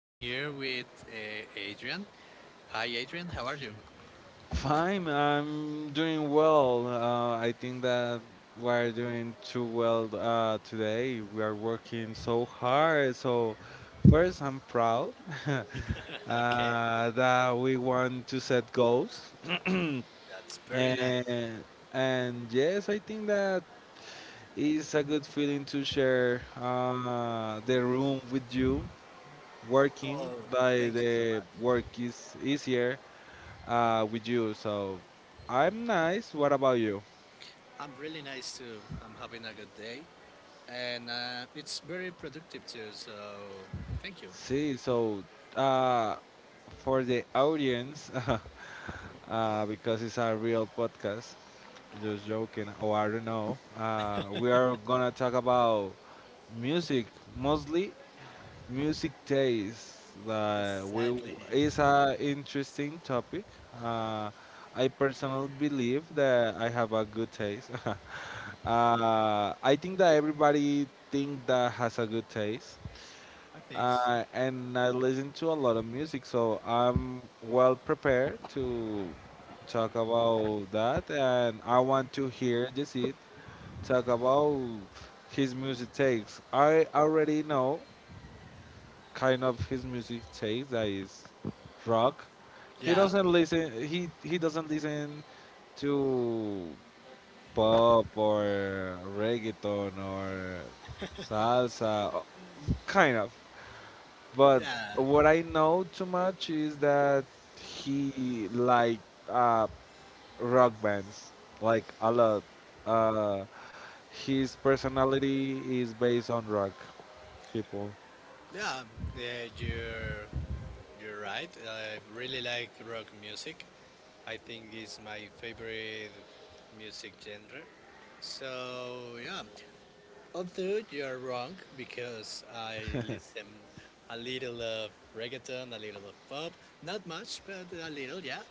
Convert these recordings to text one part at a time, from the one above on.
I'm here with Adrian. Hi, Adrian. How are you? Fine, I'm doing well. I think that we're doing too well today. We are working so hard. So, first, I'm proud. Okay, That we want to set goals. that's very nice. And, and yes, I think that it's a good feeling to share the room with you. Working Oh, by thank you so the much. work is easier with you. So, I'm nice. What about you? I'm really nice too. I'm having a good day, and it's very productive too. So, thank you. See, so uh, for the audience, because it's a real podcast, just joking, or I don't know, we are gonna talk about music, mostly music taste. Like we Exactly. is a interesting topic. Uh, I personally believe that I have a good taste. I think that everybody think that has a good taste. I Thanks. And I listen to a lot of music, so I'm well prepared to talk about that. And I want to hear Jesse talk about his music takes. I already know kind of his music taste that is rock. He Yeah, doesn't listen. He doesn't listen to pop or reggaeton or salsa. Kind of. But yeah. what I know too much is that he liked uh, rock bands, like a lot. Uh, his personality is based on rock people. Yeah, yeah, you're right. I really like rock music. I think it's my favorite music genre. So yeah, although you're wrong because I listen a little of reggaeton, a little of pop, not much, but a little, yeah.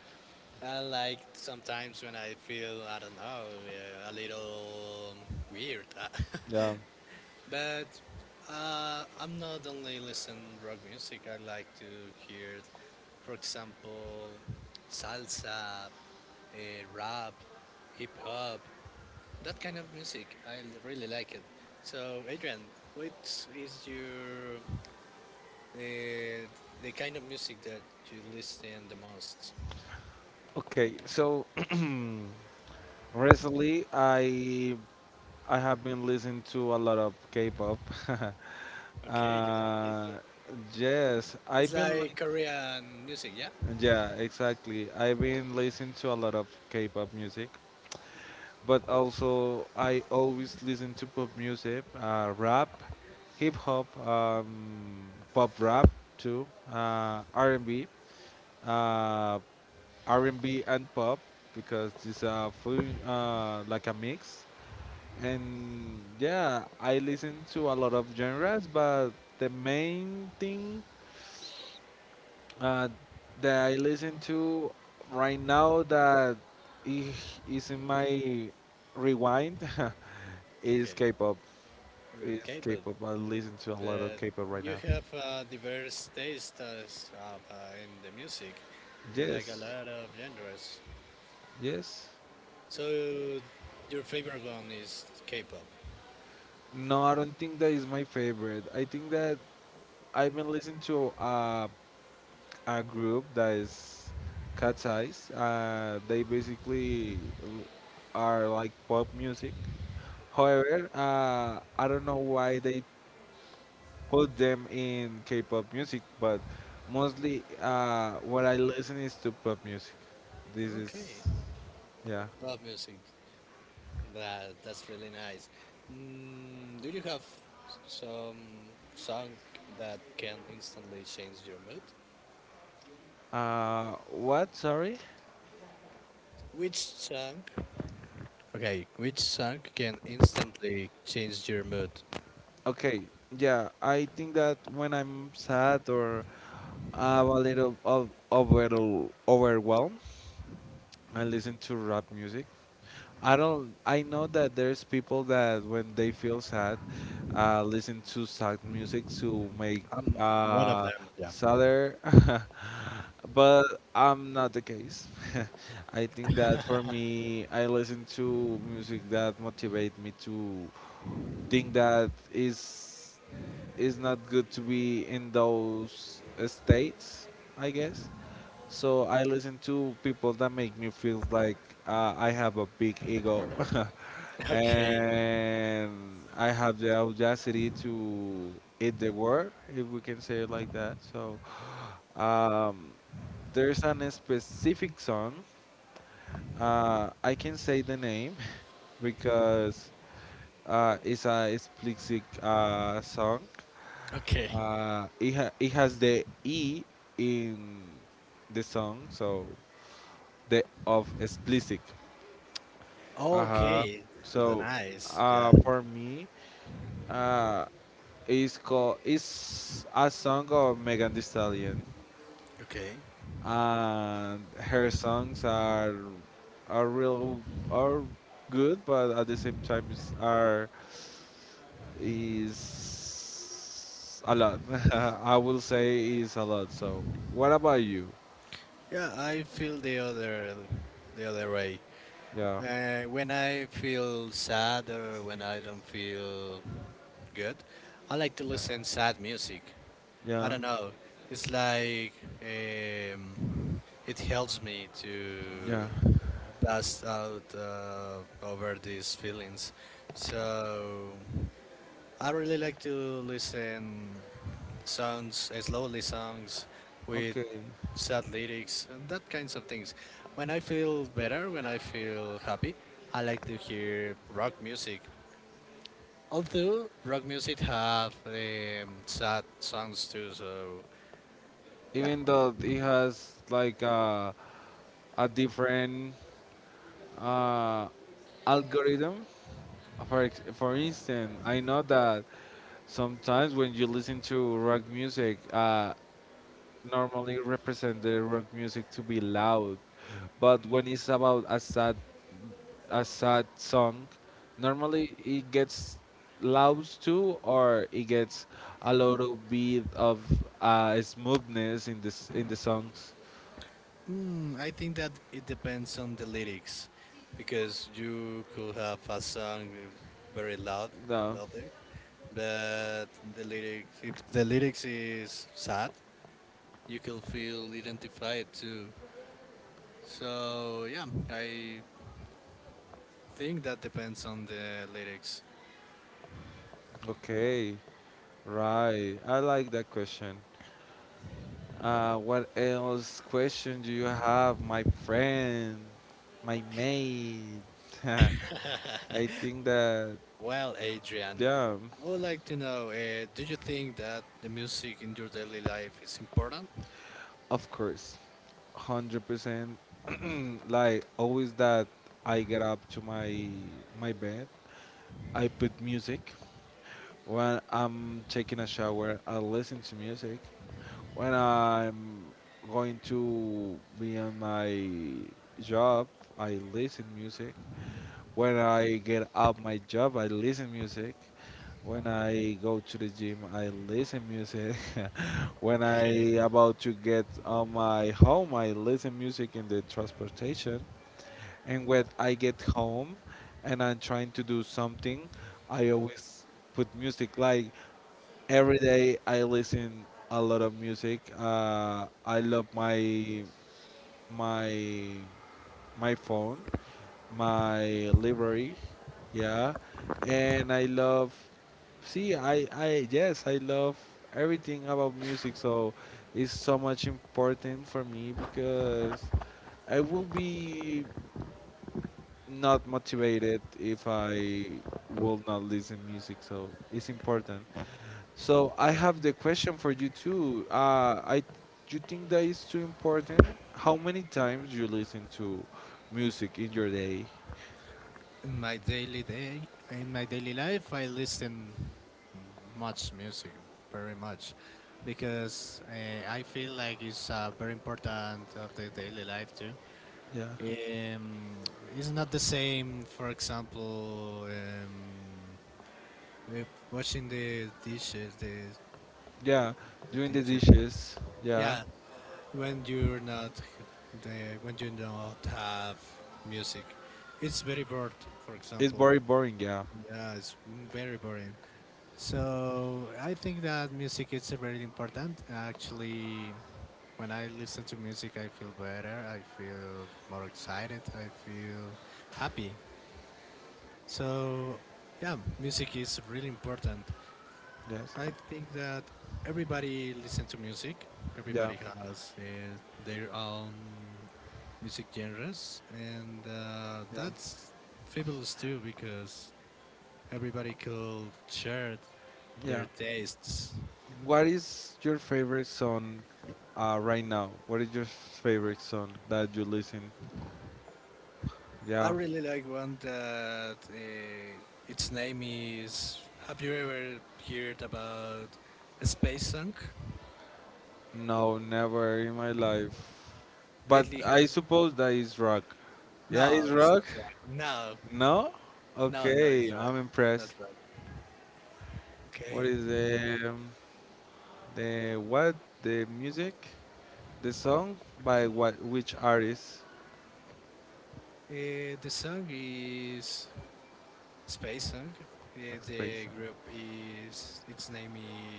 I like sometimes when I feel I don't know, a little weird. Yeah. But I'm not only listen rock music. I like to hear, for example, salsa, uh, rap, hip hop, that kind of music. I really like it. So, Adrian, what is your uh, the kind of music that you listen the most? Okay. So recently, I have been listening to a lot of K-pop. Okay, you like uh, K-pop. yes, It's I've been like like Korean music, yeah? yeah, exactly. I've been listening to a lot of K-pop music. But also I always listen to pop music, rap, hip hop, pop rap too, R&B, uh, R&B and B and pop because it's a full like a mix. And yeah, I listen to a lot of genres, but the main thing uh, that I listen to right now that i- is in my rewind is Okay. K-pop. Is K-pop. K-pop. I listen to a lot of But K-pop right you now. have a diverse taste as, in the music. You like a Yes, lot of genres. yes. So your favorite one is K-pop. No, I don't think that is my favorite. I think that I've been listening to a group that is Cat's Eyes. They basically are like pop music. However, I don't know why they put them in K-pop music, but mostly what I listen is to pop music. This Okay, is, yeah. pop music. That's really nice. Mm, do you have some song that can instantly change your mood? What? Sorry. Which song? Okay, which song can instantly change your mood? Okay. Yeah, I think that when I'm sad or I'm a little of overwhelmed, I listen to rap music. I don't. I know that there's people that when they feel sad, listen to sad music to make I'm one of uh them. Yeah. sadder, but I'm not the case. I think that for me, I listen to music that motivate me to think that is not good to be in those states, I guess. So I listen to people that make me feel like I have a big ego. Okay. And I have the audacity to eat the world if we can say it like that. So, um, there's an specific song, I can say the name because is a explicit song. Okay. It it has the E in the song, so the of explicit. Uh-huh. Okay, So nice. Yeah, for me, uh, it's called it's a song of Megan Thee Stallion, okay. and her songs are real are good, but at the same time it's- are is a lot. I will say is a lot. So, what about you? Yeah. I feel the other way. Yeah, When I feel sad or when I don't feel good, I like to listen sad music. I yeah, don't know. It's like um, it helps me to yeah. pass out over these feelings. So I really like to listen songs, slowly songs with Okay. sad lyrics and that kinds of things. When I feel better, when I feel happy, I like to hear rock music. Although rock music have sad songs too, so yeah, Even though it has like a different uh, algorithm. For instance, I know that sometimes when you listen to rock music, normally represent the rock music to be loud, but when it's about a sad song, normally it gets loud too, or it gets a little bit of smoothness in this in the songs. I think that it depends on the lyrics, because you could have a song very loud, No. louder, but the lyrics is sad, you can feel identified too, so yeah, I think that depends on the lyrics. Okay. Right. I like that question. What else question do you have, my friend, my mate? I think that Well, Adrian, yeah, I would like to know, do you think that the music in your daily life is important? of course. 100%. Like always that I get up to my bed, I put music. When I'm taking a shower, I listen to music. When I'm going to be on my job, I listen music. When I get up my job, I listen music. When I go to the gym, I listen music. When Okay. I about to get on my home, I listen music in the transportation. And when I get home and I'm trying to do something, I always put music. Like every day, I listen a lot of music. I love my my phone, my library, yeah, and I love. See, yes, I love everything about music. So it's so much important for me because I will be not motivated if I will not listen music. So it's important. So I have the question for you too. You think that is too important? How many times you listen to music in your day? In my daily day, in my daily life, I listen much music, very much, because I feel like it's very important of the daily life too. Yeah, Um, it's not the same, for example, if washing the dishes, the, yeah, doing the the dishes. dishes. Yeah. Yeah, when you're not, the when you don't have music, it's very bored. For It's example, very boring, yeah. yeah, it's very boring. So I think that music is very important. Actually, when I listen to music, I feel better. I feel more excited. I feel happy. So yeah, music is really important. Yes. I think that everybody listens to music. Yeah. Everybody has their own music genres, and Yeah. that's fabulous too because everybody could share Yeah. their tastes. What is your favorite song right now? What is your favorite song that you listen? I Yeah. really like one that its name is. Have you ever heard about Space Sunk? No, never in my life. But Lately I has. suppose that is rock. Yeah, it's No, it's rock. not right. No, No? no, no, it's Okay, right. I'm It's not impressed. right. What Okay. is the what the music? The song by what which artist? The song is space song. The, Explain. the group is its name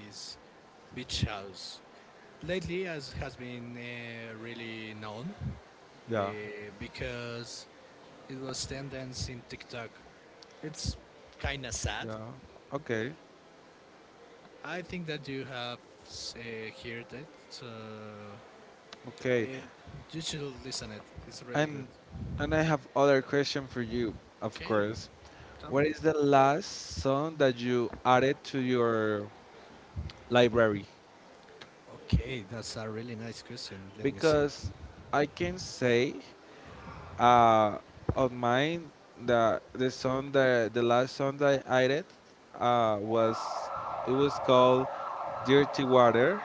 is Beach House. Lately, as has been really known uh, Yeah. because it was tendance in TikTok. It's kind of sad. Yeah. Okay. I think that you have uh, heard it, so Okay. and you should listen it. It's really good. And and I have other question for you, of Okay, course. tell me. What is the last song that you added to your library? Okay, that's a really nice question. Let me see. Because I can say uh of mine the last song that I added was it was called Dirty Water.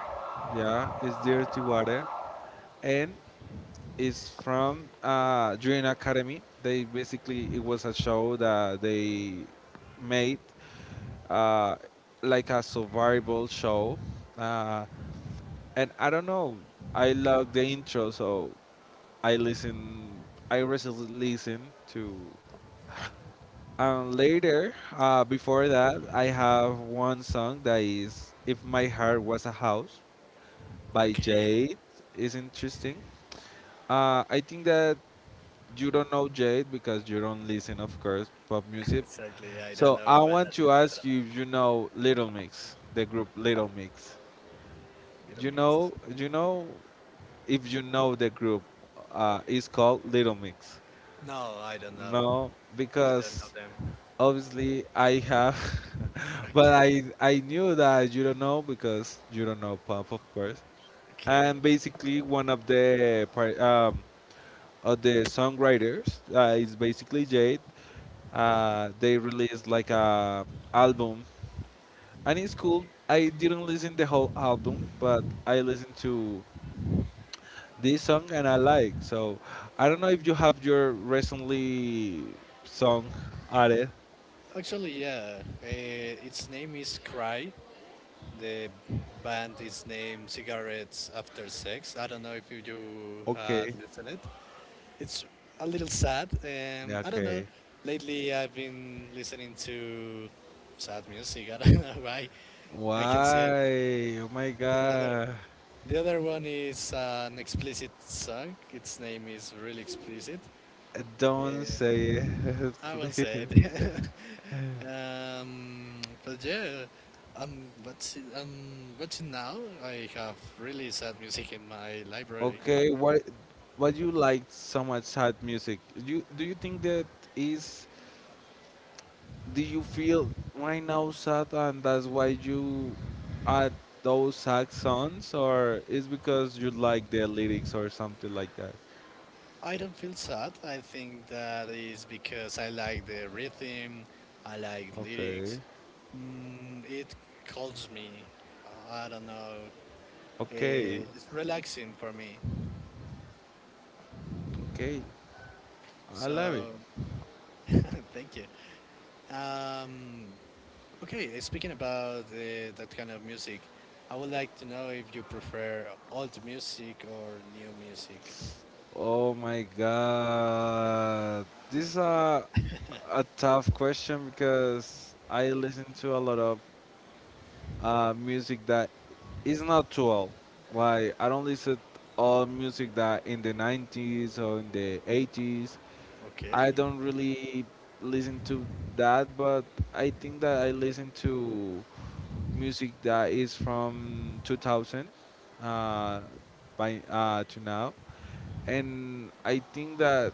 Yeah, it's Dirty Water. And is from Dream Academy. They basically it was a show that they made uh, like a survival show, uh, and I don't know. I love the intro, so I listen. I recently listen to. And later, before that, I have one song that is "If My Heart Was a House" by Okay. Jade. Is interesting. I think that you don't know Jade because you don't listen, of course, pop music. Exactly. I don't So know I whether want to to talk ask about you if out. you know Little Mix, the group Little Mix. Little Mix. You know if you know the group is called Little Mix. No, I don't know. No, I don't know because them. obviously I have, but Okay. I knew that you don't know because you don't know pop, of course. Okay. And basically, one of the par- of the songwriters is basically Jade. They released like a album, and it's cool. I didn't listen the whole album, but I listened to this song, and I like. So I don't know if you have your recently song added. Actually, yeah. Its name is Cry. The band is named Cigarettes After Sex. I don't know if you do had Okay, listened it. It's a little sad. yeah, I don't know. okay. Lately, I've been listening to sad music. I don't know why. I can see it. Why oh my The other, god, the other one is an explicit song. Its name is really explicit. don't Uh, say it. I won't Please. say it. But yeah, but now I have really sad music in my library. Okay, what you like so much sad music, do you think that is do you feel right now sad, and that's why you add those sad songs, or is because you like the lyrics or something like that? I don't feel sad. I think that is because I like the rhythm, I like Okay. lyrics. Mm, it calms me. I don't know. Okay. It's relaxing for me. Okay. I love it. So, thank you. Um, okay, speaking about that kind of music, I would like to know if you prefer old music or new music. Oh my god, this is a tough question because I listen to a lot of music that is not too old. Like I don't listen all music that in the 90s or in the 80s. Okay, I don't really listen to that, but I think that I listen to music that is from 2000 uh, by to now, and I think that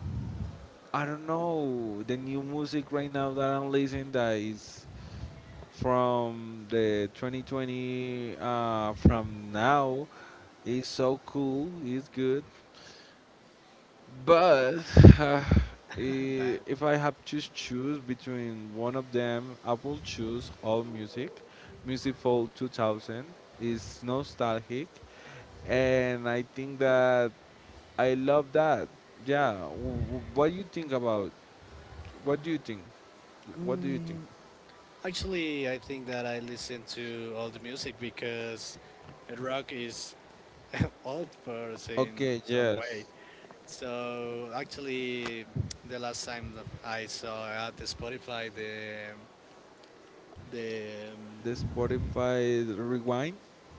I don't know the new music right now that I'm listening that is from the 2020 from now is so cool. It's good. But uh, bad. If I have to choose between one of them, I will choose all music. Music for 2000 is nostalgic, and I think that I love that. Yeah, what do you think about? What do you think? What do you think? Mm, Actually, I think that I listen to all the music because rock is old person in Okay, some way. yes, So actually, the last time that I saw at the Spotify the the um, Spotify rewind.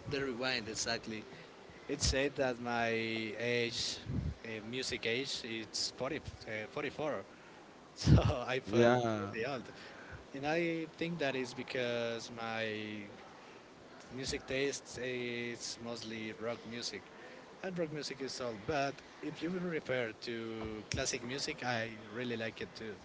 the rewind exactly, it said that music age, it's 40, 44. So I felt Yeah. really old, and I think that is because my music tastes—it's mostly rock music, and rock music is all. But if you refer to classic music, I really like it too. Oh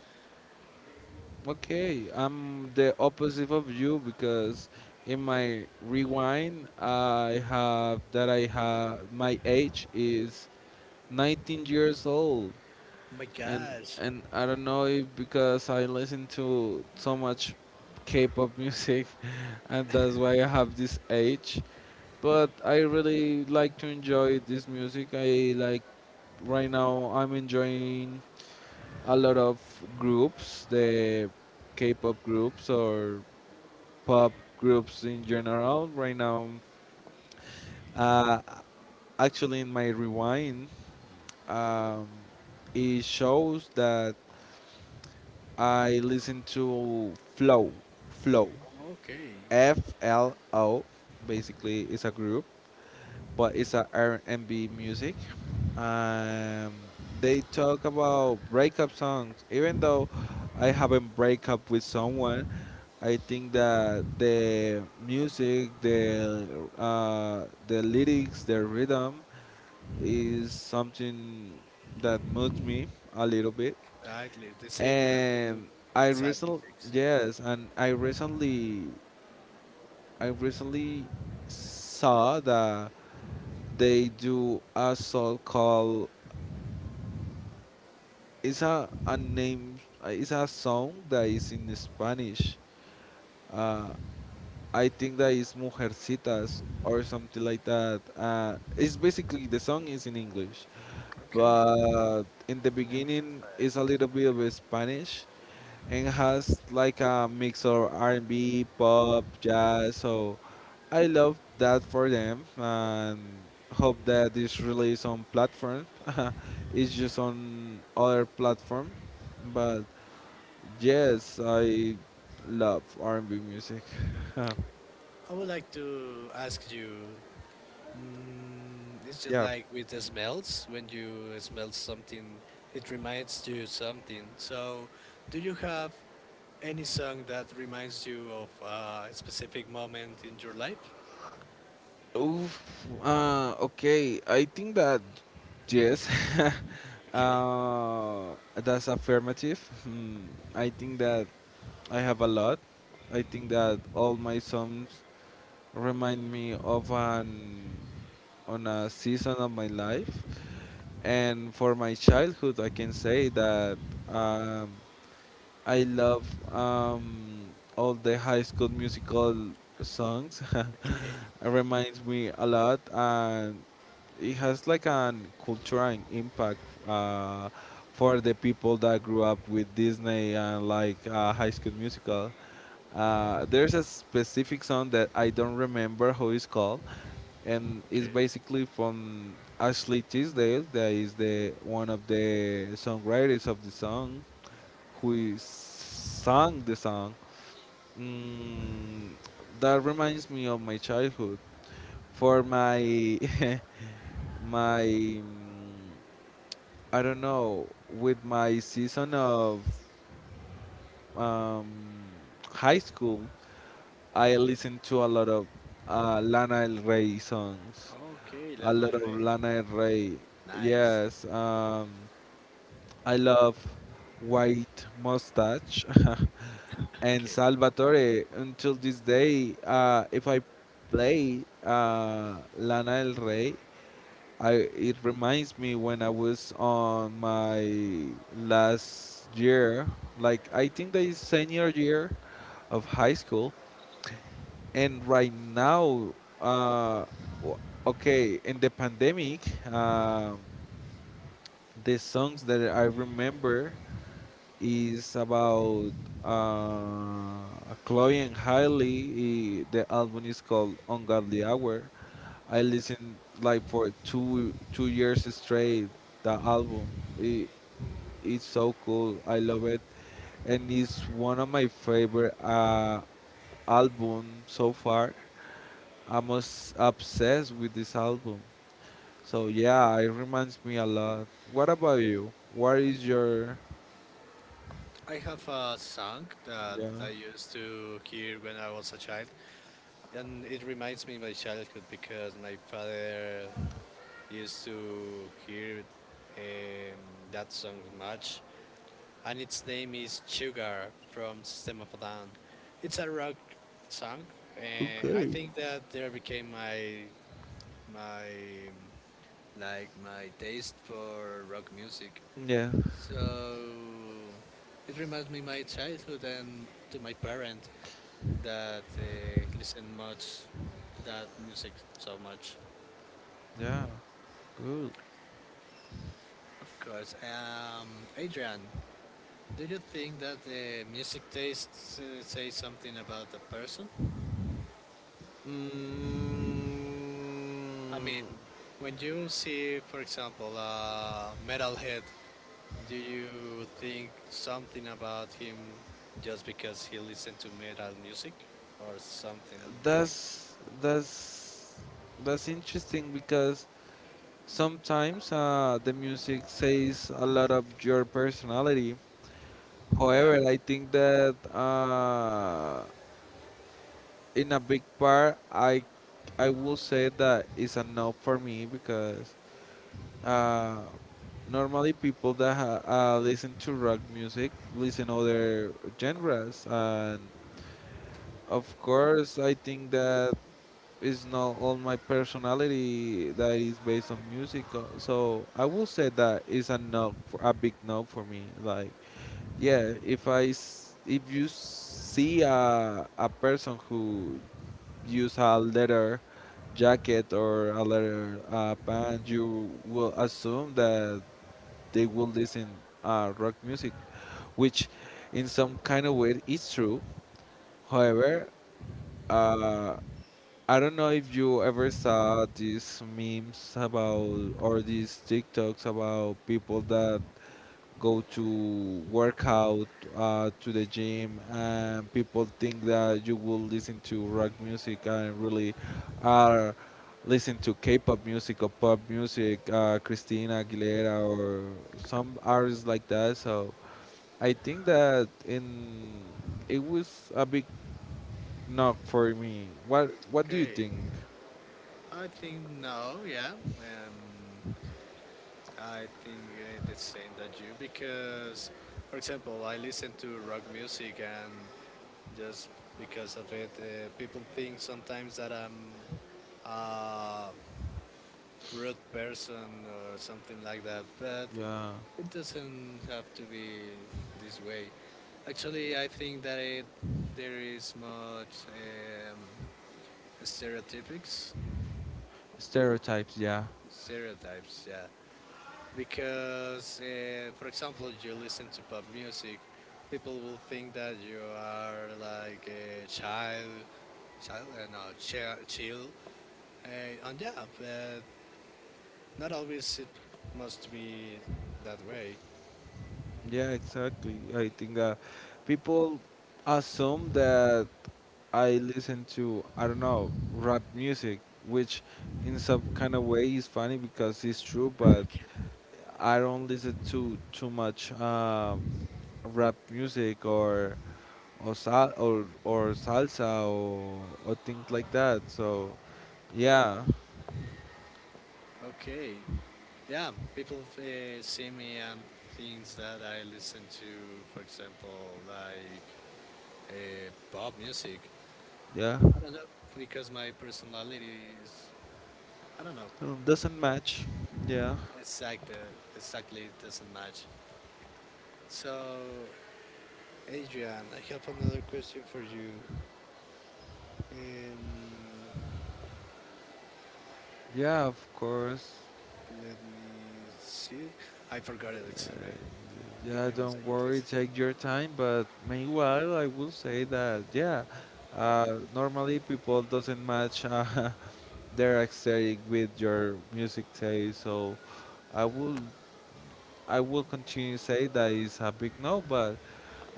Okay, I'm the opposite of you because in my rewind, I have that I have my age is 19 years old, my and gosh, I don't know if because I listen to so much K-pop music, and that's why I have this age. But I really like to enjoy this music. I like right now. I'm enjoying a lot of groups, the K-pop groups or pop groups in general. Right now, uh, actually, in my rewind, um, it shows that I listen to Flow, okay, FLO. Basically, it's a group but it's a R&B music. Um, they talk about breakup songs. Even though I haven't break up with someone, I think that the music, the lyrics, the rhythm is something that moves me a little bit. exactly the same that And with I sad recently, music. yes, and I recently, I recently saw that they do a song called it's a name. It's a song that is in spanish, uh, I think that is mujercitas or something like that. Uh, it's basically the song is in english, Okay, but in the the name is beginning inspired. it's a little bit of spanish, and has like a mix of R&B, pop, jazz. So I love that for them and hope that this release on platform. it's just on other platform, but yes, I love R&B music. I would like to ask you, is it Yeah. like with the smells? When you smell something, it reminds you something. So, do you have any song that reminds you of a specific moment in your life? Okay. I think that yes. Okay, That's affirmative. Hmm, I think that I have a lot. I think that all my songs remind me of an on a season of my life. And for my childhood, I can say that um, I love um, all the High School Musical songs. okay, It reminds me a lot, and it has like an cultural impact uh, for the people that grew up with Disney and like High School Musical. There's a specific song that I don't remember how it's called, and it's okay. basically from Ashley Tisdale, that is the one of the songwriters of the song who sang the song, mm, that reminds me of my childhood. For my my I don't know with my season of um, high school, I listened to a lot of Lana Del Rey songs, Okay, a Lana Del lot of Rey. Lana Del Rey. Nice. Yes. I love White Mustache and Okay. Salvatore. Until this day, if I play Lana Del Rey, it reminds me when I was on my last year, like I think that is senior year of high school. And right now, uh, w- okay, in the pandemic, um, the songs that I remember is about uh, Chloe and Hailey. The album is called Ungodly Hour. I listened like for two years straight. The album it, it's so cool. I love it, and it's one of my favorite album so far. Obsessed with this album. So yeah, it reminds me a lot. What about you? What is your? I have a song that Yeah. I used to hear when I was a child. And it reminds me of my childhood because my father used to hear um, that song much, and its name is Sugar from System of a Down. It's a rock song, and I Okay. think that there became my um, my taste for rock music. Yeah. So it reminds me my childhood and to my parent that listen much that music so much. Yeah. Cool. Of course. Adrian, do you think that the music tastes say something about the person? I Mm, mean, when you see, for example, a metalhead, do you think something about him just because he listened to metal music or something like that? that's that's that's interesting because sometimes the music says a lot of your personality. Yeah. However, I think that in a big part, I will say that it's a no for me because uh, normally people that listen to rock music listen other genres and of course, I think that is not all my personality that is based on music. So I will say that is a no, for, a big no for me. Like, yeah, if I s- if you see a person who use a leather jacket or a leather pants, you will assume that they will listen rock music, which in some kind of way is true. However, uh, I don't know if you ever saw these memes about or these TikToks about people that go to workout to the gym and people think that you will listen to rock music and really are listen to K-pop music or pop music, Christina Aguilera or some artists like that. So I think that in it was a big knock for me. What do you Okay. think? I think no. Yeah. I think the same that you because, for example, I listen to rock music and just because of it, people think sometimes that I'm a rude person or something like that. But Yeah. it doesn't have to be this way. Actually, I think that there is much stereotypics. Stereotypes, yeah. Stereotypes, yeah. Because, for example, you listen to pop music, people will think that you are like a child, no, chill. And yeah, but not always it must be that way. Yeah, exactly. I think that people assume that I listen to, I don't know, rap music, which in some kind of way is funny because it's true, but Okay. I don't listen to too much rap music or salsa or things like that. So yeah, Okay. Yeah, people see me and things that I listen to, for example, like pop music. yeah, I don't know because my personality is I don't know doesn't match. Yeah, exact uh, exactly it doesn't match. So, Adrian, I have another question for you. Um, yeah, of course. let me see. I forgot it. Excuse me. Give Yeah, me one don't second, worry, please. take your time. But meanwhile, I will say that yeah, normally people doesn't match their aesthetic with your music taste. So I will I will continue say that is a big no, but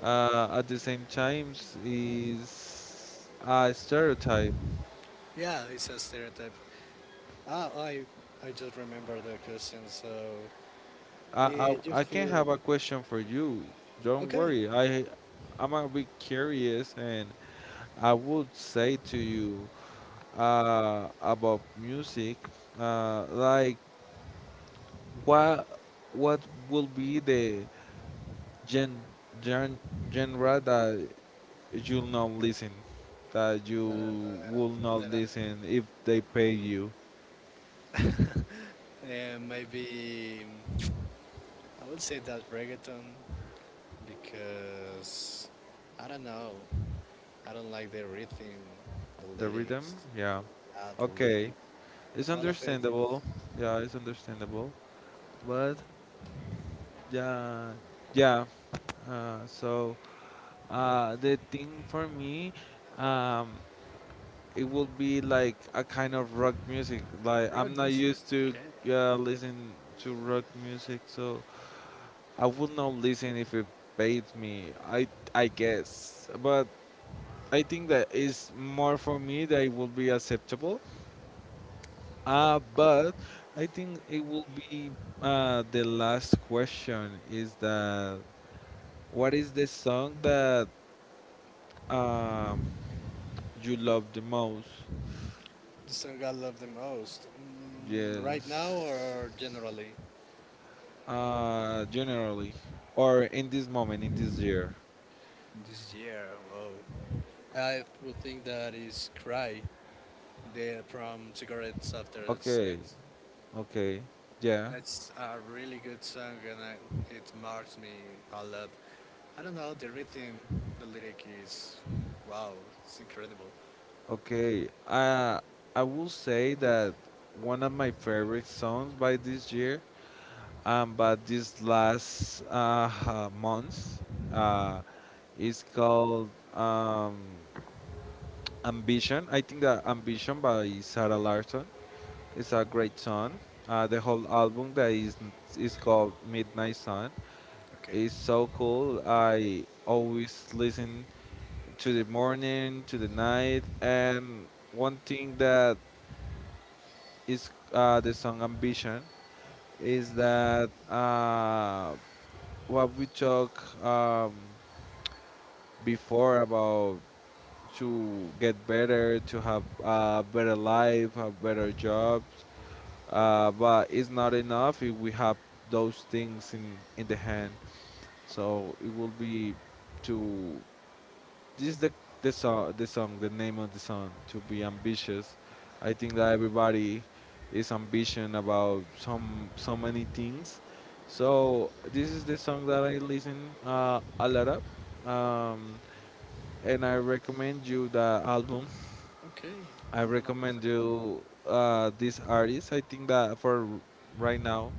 at the same time is a stereotype. Yeah, it's a stereotype. Ah, I just remember the question. So I, yeah, you I I can feel have a question for you. Don't okay? worry, I I'm a bit curious and I would say to you about music, like what what will be the gen, gen genre that you'll not listen, that you Uh, will not that listen if they pay you I- maybe I would say that reggaeton because I don't know. I don't like the rhythm, the the rhythm? lyrics, Yeah, ah, the okay, lyrics. it's All of it is understandable. Yeah, it's understandable. But yeah, yeah. Uh, so the thing for me. Um, it will be like a kind of rock music. Like rock I'm not music. used to Okay. Listen to rock music, so I would not listen if it paid me. I guess, but I think that is more for me that it will be acceptable. But I think it will be the last question is that what is the song that uh, you love the most? The song I love the most, right now Yes. or generally? Generally, or in this moment, in this year. This year, whoa. I would think that is Cry, from Cigarettes After Okay, Sex. okay, yeah, It's a really good song and it marks me a lot. I don't know the rhythm, the lyric is wow, it's incredible. okay. I will say that one of my favorite songs by this year, but this last month, uh, is called Ambition. I think that Ambition by Sarah Larson is a great song. The whole album that is called Midnight Sun. Okay, It's so cool. I always listen to the morning, to the night, and one thing that is the song Ambition is that what we talk before about to get better, to have a better life, have better jobs, but it's not enough if we have those things in the hand. So it will be to this is the song, the song, the name of the song. To be ambitious, I think that everybody is ambition about some so many things. So this is the song that I listen a lot of, um, and I recommend you the album. okay, I I'm gonna recommend listen it. you this artist. I think that for right now,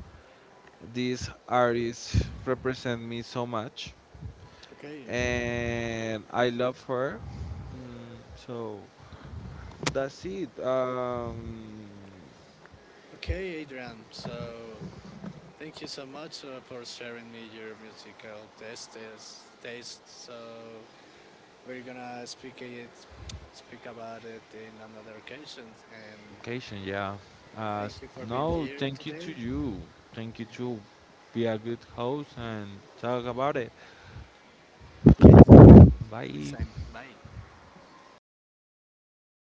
this artist represent me so much, Okay, and I love her. So that's it. Okay, Adrian. So thank you so much for sharing me your musical tastes. Taste. So we're gonna speak about it in another occasion. And Vacation, yeah. Uh, thank s- you for being no, here thank you today. to you. Thank you to be a good host and talk about it. Okay, so see you next Bye. time. Bye.